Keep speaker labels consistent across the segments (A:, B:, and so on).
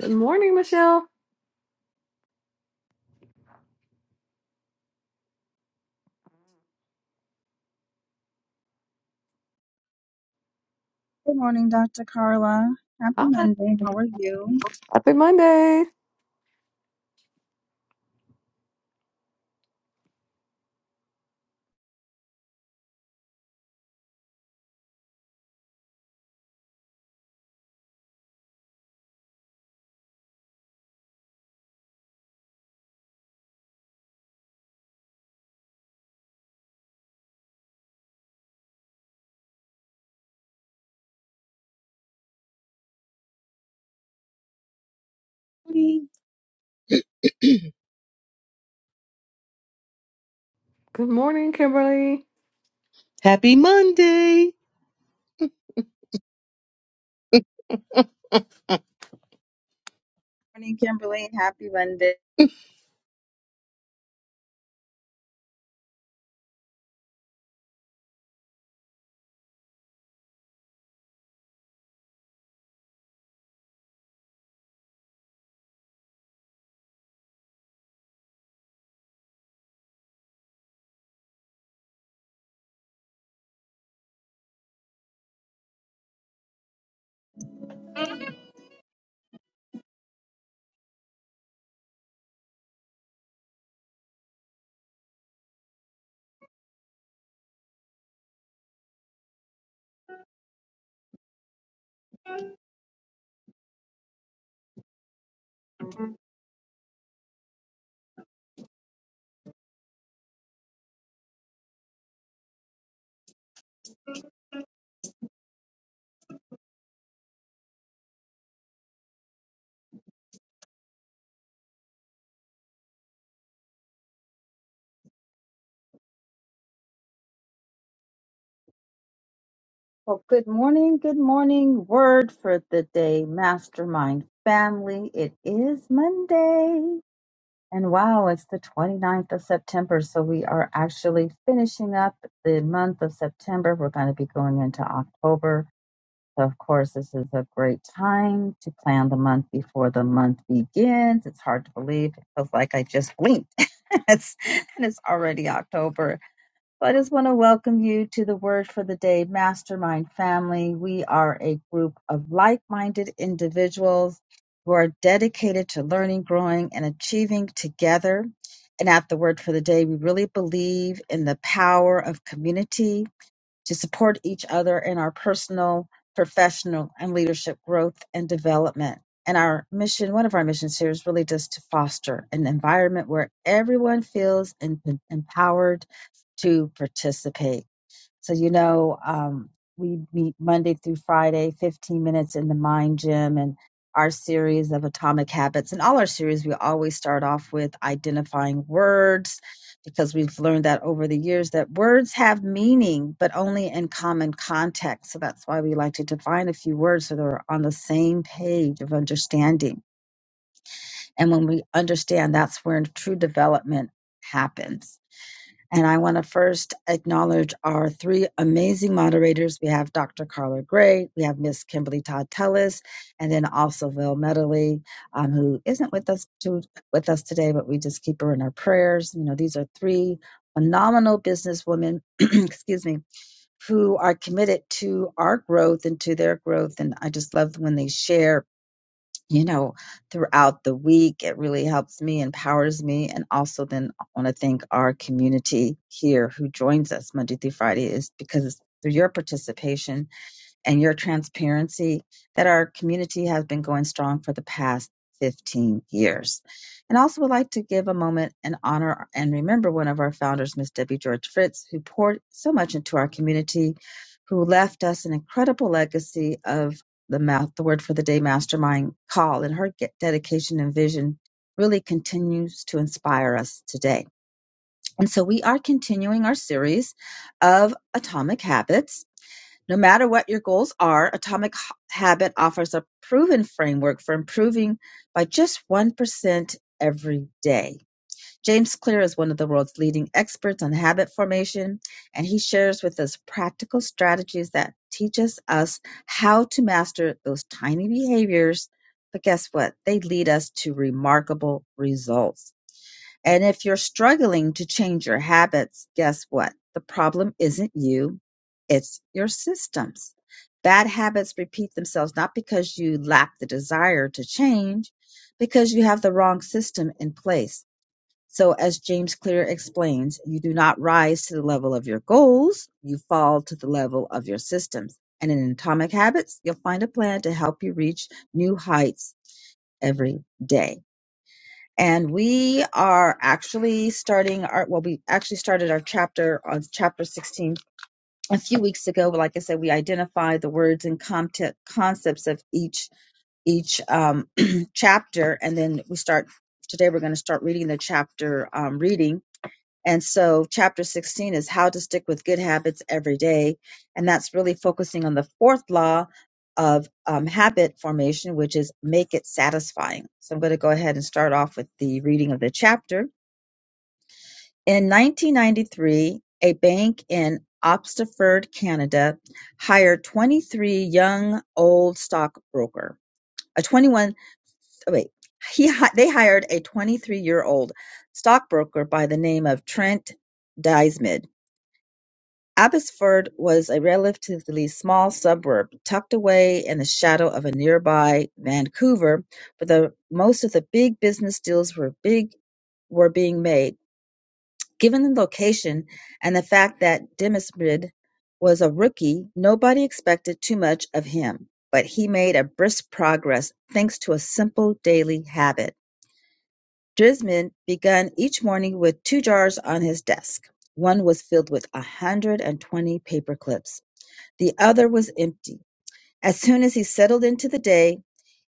A: Good morning, Michelle.
B: Good morning, Dr. Carla. Happy
A: Hi.
B: Monday. How are you?
A: Happy Monday.
C: morning.
A: Good morning, Kimberly.
C: Happy Monday.
B: Morning, Kimberly. Happy Monday. Well, good morning. Good morning. Word for the day, Mastermind Family. It is Monday. And wow, it's the 29th of September. So we are actually finishing up the month of September. We're going to be going into October. So, of course, this is a great time to plan the month before the month begins. It's hard to believe. It feels like I just blinked. it's, and it's already October. So, I just want to welcome you to the Word for the Day Mastermind family. We are a group of like minded individuals who are dedicated to learning, growing, and achieving together. And at the Word for the Day, we really believe in the power of community to support each other in our personal, professional, and leadership growth and development. And our mission, one of our missions here is really just to foster an environment where everyone feels em- empowered to participate so, you know, um, we meet Monday through Friday, 15 minutes in the Mind Gym, and our series of Atomic Habits. And all our series, we always start off with identifying words because we've learned that over the years that words have meaning, but only in common context. So that's why we like to define a few words so they're on the same page of understanding. And when we understand, that's where true development happens. And I want to first acknowledge our three amazing moderators. We have Dr. Carla Gray, we have Miss Kimberly Todd Tellis, and then also Val Medley, um, who isn't with us to, with us today, but we just keep her in our prayers. You know, these are three phenomenal businesswomen, excuse me, who are committed to our growth and to their growth. And I just love when they share you know, throughout the week. It really helps me, empowers me. And also, then I want to thank our community here who joins us Monday through Friday, is because through your participation and your transparency that our community has been going strong for the past 15 years. And also would like to give a moment and honor and remember one of our founders, Miss Debbie George Fritz, who poured so much into our community, who left us an incredible legacy of the mouth, the word for the day mastermind call and her get dedication and vision really continues to inspire us today. And so we are continuing our series of atomic habits no matter what your goals are, Atomic Habit offers a proven framework for improving by just 1% every day. James Clear is one of the world's leading experts on habit formation, and he shares with us practical strategies that teaches us how to master those tiny behaviors. But guess what? They lead us to remarkable results. And if you're struggling to change your habits, guess what? The problem isn't you, it's your systems. Bad habits repeat themselves not because you lack the desire to change, because you have the wrong system in place. So, as James Clear explains, you do not rise to the level of your goals, you fall to the level of your systems. And in Atomic Habits, you'll find a plan to help you reach new heights every day and we are actually starting our well we actually started our chapter on chapter 16 a few weeks ago but like i said we identified the words and content concepts of each each um, chapter and then we start today we're going to start reading the chapter um, reading and so, chapter 16 is how to stick with good habits every day. And that's really focusing on the fourth law of um, habit formation, which is make it satisfying. So, I'm going to go ahead and start off with the reading of the chapter. In 1993, a bank in Obstaford, Canada, hired 23 young old stockbroker. A 21, oh wait, he hi- they hired a 23 year old stockbroker by the name of Trent Dysmid Abbotsford was a relatively small suburb, tucked away in the shadow of a nearby Vancouver, but the most of the big business deals were big were being made. Given the location and the fact that Demysmid was a rookie, nobody expected too much of him, but he made a brisk progress thanks to a simple daily habit. Dismid began each morning with two jars on his desk. One was filled with 120 paper clips the other was empty. As soon as he settled into the day,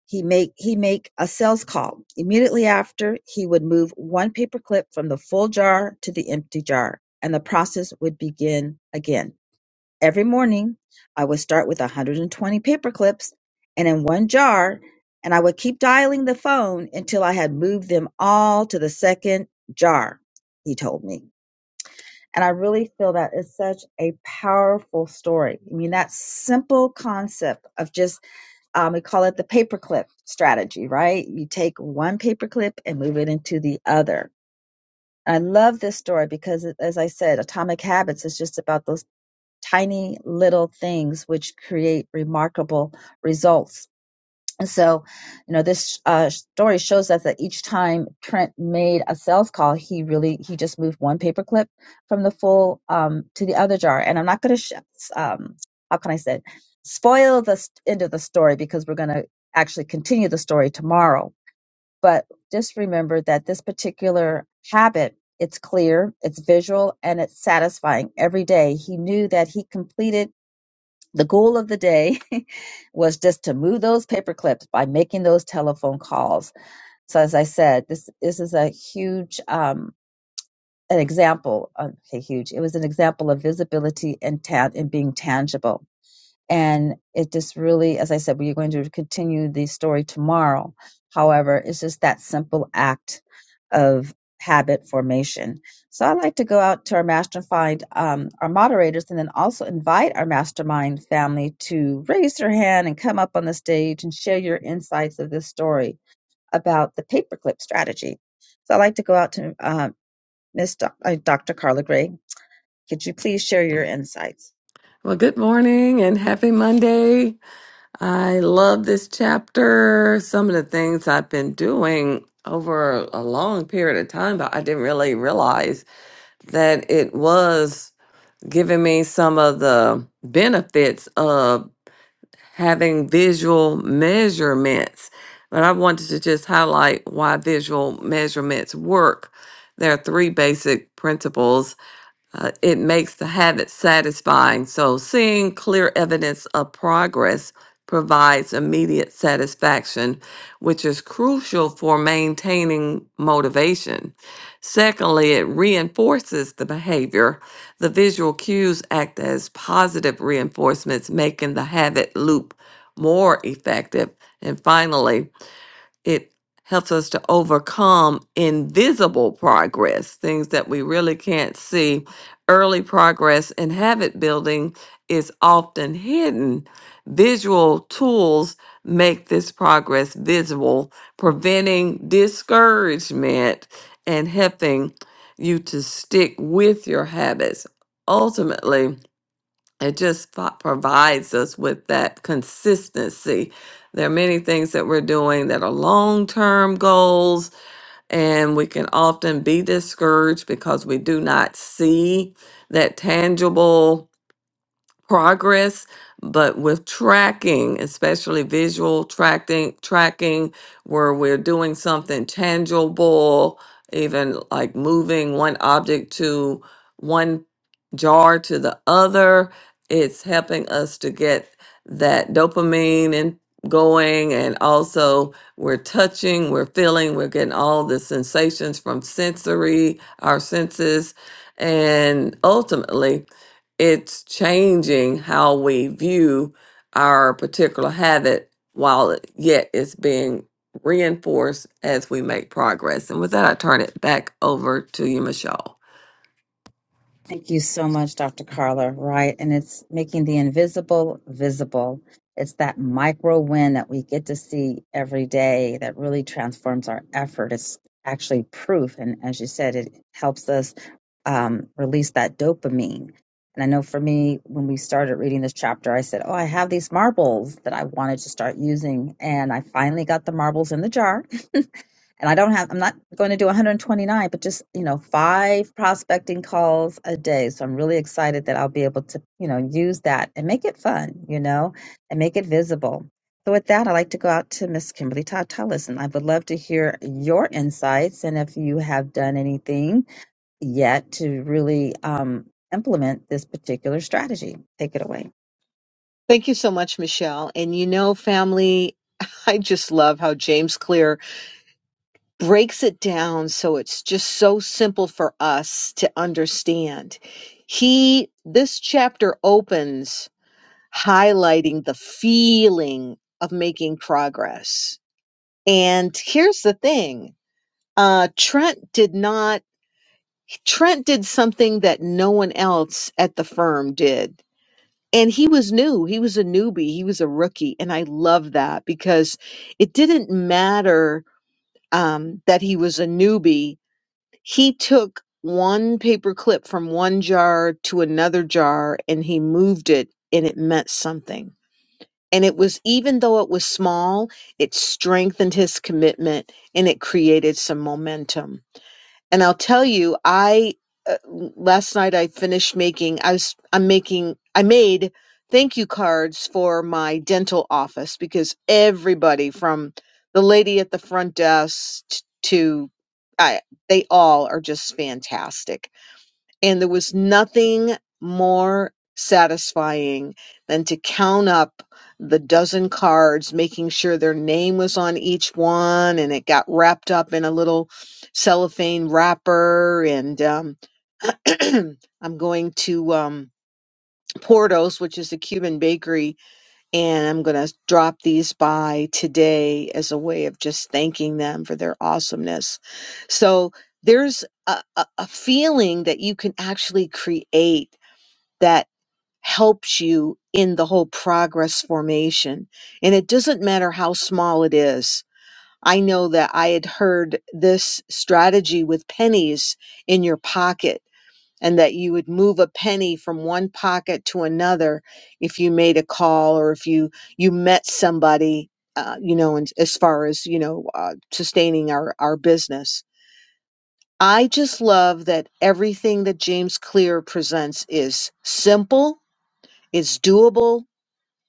B: he make he make a sales call. Immediately after, he would move one paper clip from the full jar to the empty jar, and the process would begin again. Every morning, I would start with 120 paper clips and in one jar, and I would keep dialing the phone until I had moved them all to the second jar, he told me. And I really feel that is such a powerful story. I mean, that simple concept of just um, we call it the paperclip strategy, right? You take one paperclip and move it into the other. I love this story because, as I said, Atomic Habits is just about those tiny little things which create remarkable results. And so, you know, this uh, story shows us that each time Trent made a sales call, he really he just moved one paperclip from the full um, to the other jar. And I'm not going to sh- um, how can I say it? spoil the s- end of the story because we're going to actually continue the story tomorrow. But just remember that this particular habit, it's clear, it's visual, and it's satisfying every day. He knew that he completed the goal of the day was just to move those paper clips by making those telephone calls. So as I said, this this is a huge um, an example. uh, Okay, huge. It was an example of visibility and tan and being tangible. And it just really, as I said, we're going to continue the story tomorrow. However, it's just that simple act of habit formation. So I'd like to go out to our mastermind, um, our moderators, and then also invite our mastermind family to raise their hand and come up on the stage and share your insights of this story about the paperclip strategy. So I'd like to go out to uh, Miss Doc- uh, Dr. Carla Gray. Could you please share your insights?
A: Well, good morning and happy Monday. I love this chapter. Some of the things I've been doing over a long period of time, but I didn't really realize that it was giving me some of the benefits of having visual measurements, but I wanted to just highlight why visual measurements work. There are three basic principles uh, it makes the habit satisfying. So, seeing clear evidence of progress provides immediate satisfaction, which is crucial for maintaining motivation. Secondly, it reinforces the behavior. The visual cues act as positive reinforcements, making the habit loop more effective. And finally, it helps us to overcome invisible progress, things that we really can't see. Early progress in habit building is often hidden. Visual tools make this progress visible, preventing discouragement and helping you to stick with your habits. Ultimately, it just fo- provides us with that consistency. There are many things that we're doing that are long term goals, and we can often be discouraged because we do not see that tangible progress but with tracking especially visual tracking tracking where we're doing something tangible even like moving one object to one jar to the other it's helping us to get that dopamine and going and also we're touching we're feeling we're getting all the sensations from sensory our senses and ultimately it's changing how we view our particular habit while it- yet it's being reinforced as we make progress. And with that, I turn it back over to you, Michelle.
B: Thank you so much, Dr. Carla. Right. And it's making the invisible visible. It's that micro win that we get to see every day that really transforms our effort. It's actually proof. And as you said, it helps us um, release that dopamine. And I know for me, when we started reading this chapter, I said, Oh, I have these marbles that I wanted to start using. And I finally got the marbles in the jar and I don't have, I'm not going to do 129, but just, you know, five prospecting calls a day. So I'm really excited that I'll be able to, you know, use that and make it fun, you know, and make it visible. So with that, I'd like to go out to Miss Kimberly Todd Tullis, and I would love to hear your insights and if you have done anything yet to really um, implement this particular strategy. Take it away.
C: Thank you so much, Michelle. And you know, family, I just love how James Clear breaks it down so it's just so simple for us to understand. He, this chapter opens highlighting the feeling of making progress. And here's the thing. Uh, Trent did not, Trent did something that no one else at the firm did and he was new he was a newbie he was a rookie and i love that because it didn't matter um, that he was a newbie he took one paper clip from one jar to another jar and he moved it and it meant something and it was even though it was small it strengthened his commitment and it created some momentum and I'll tell you, I uh, last night I finished making. I was I'm making. I made thank you cards for my dental office because everybody from the lady at the front desk t- to I, they all are just fantastic and there was nothing more satisfying than to count up the dozen cards, making sure their name was on each one and it got wrapped up in a little cellophane wrapper. And um, I'm going to um, Portos, which is a Cuban bakery and I'm going to drop these by today as a way of just thanking them for their awesomeness. So there's a, a, a feeling that you can actually create that helps you in the whole progress formation. And it doesn't matter how small it is. I know that I had heard this strategy with pennies in your pocket and that you would move a penny from one pocket to another if you made a call or if you you met somebody uh, you know and as far as you know uh, sustaining our our business i just love that everything that james clear presents is simple it's doable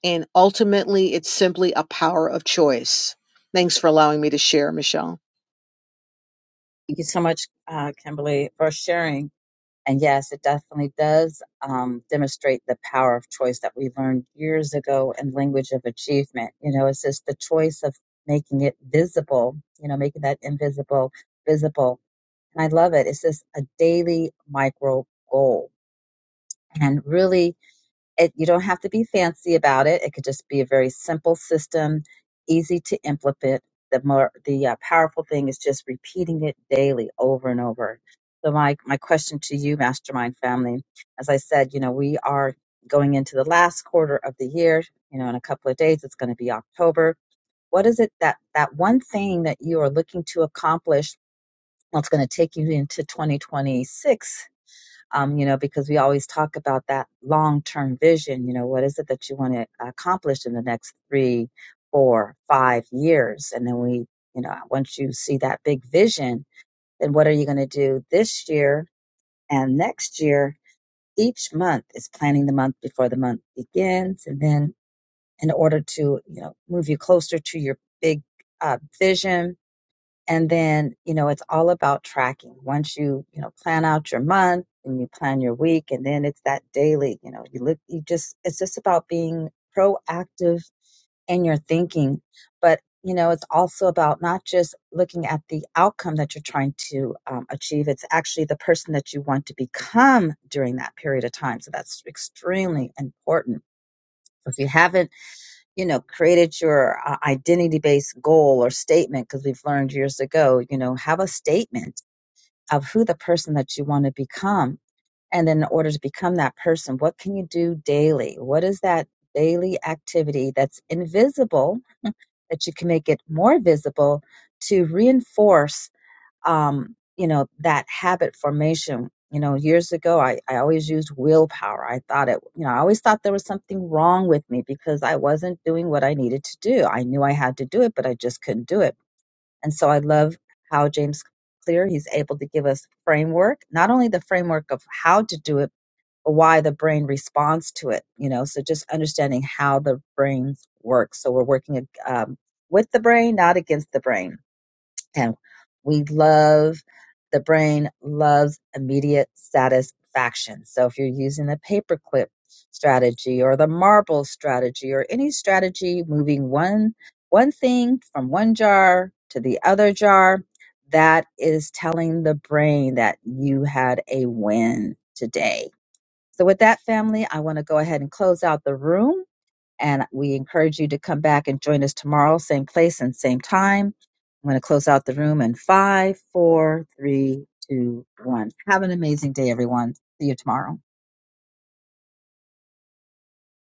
C: and ultimately it's simply a power of choice thanks for allowing me to share michelle
B: Thank you so much, uh, Kimberly, for sharing. And yes, it definitely does um, demonstrate the power of choice that we learned years ago in language of achievement. You know, it's just the choice of making it visible, you know, making that invisible visible. And I love it. It's just a daily micro goal and really it, you don't have to be fancy about it. It could just be a very simple system, easy to implement. The more the uh, powerful thing is just repeating it daily, over and over. So my my question to you, Mastermind family, as I said, you know we are going into the last quarter of the year. You know, in a couple of days, it's going to be October. What is it that that one thing that you are looking to accomplish? That's going to take you into 2026 um, you know, because we always talk about that long term vision. You know, what is it that you want to accomplish in the next three, four, five years? And then we, you know, once you see that big vision, then what are you going to do this year and next year? Each month is planning the month before the month begins. And then in order to, you know, move you closer to your big uh, vision, and then, you know, it's all about tracking. Once you, you know, plan out your month and you plan your week and then it's that daily, you know, you look, you just, it's just about being proactive in your thinking. But, you know, it's also about not just looking at the outcome that you're trying to um, achieve. It's actually the person that you want to become during that period of time. So that's extremely important. So if you haven't you know created your uh, identity based goal or statement because we've learned years ago you know have a statement of who the person that you want to become and then in order to become that person what can you do daily what is that daily activity that's invisible that you can make it more visible to reinforce um, you know, that habit formation. You know, years ago, I, I always used willpower. I thought it, you know, I always thought there was something wrong with me because I wasn't doing what I needed to do. I knew I had to do it, but I just couldn't do it. And so I love how James Clear, he's able to give us framework, not only the framework of how to do it, but why the brain responds to it, you know, so just understanding how the brain works. So we're working um, with the brain, not against the brain and we love the brain loves immediate satisfaction. So if you're using the paperclip strategy or the marble strategy or any strategy moving one one thing from one jar to the other jar, that is telling the brain that you had a win today. So with that family, I want to go ahead and close out the room. And we encourage you to come back and join us tomorrow, same place and same time. I'm going to close out the room in five, four, three, two, one. Have an amazing day, everyone. See you tomorrow.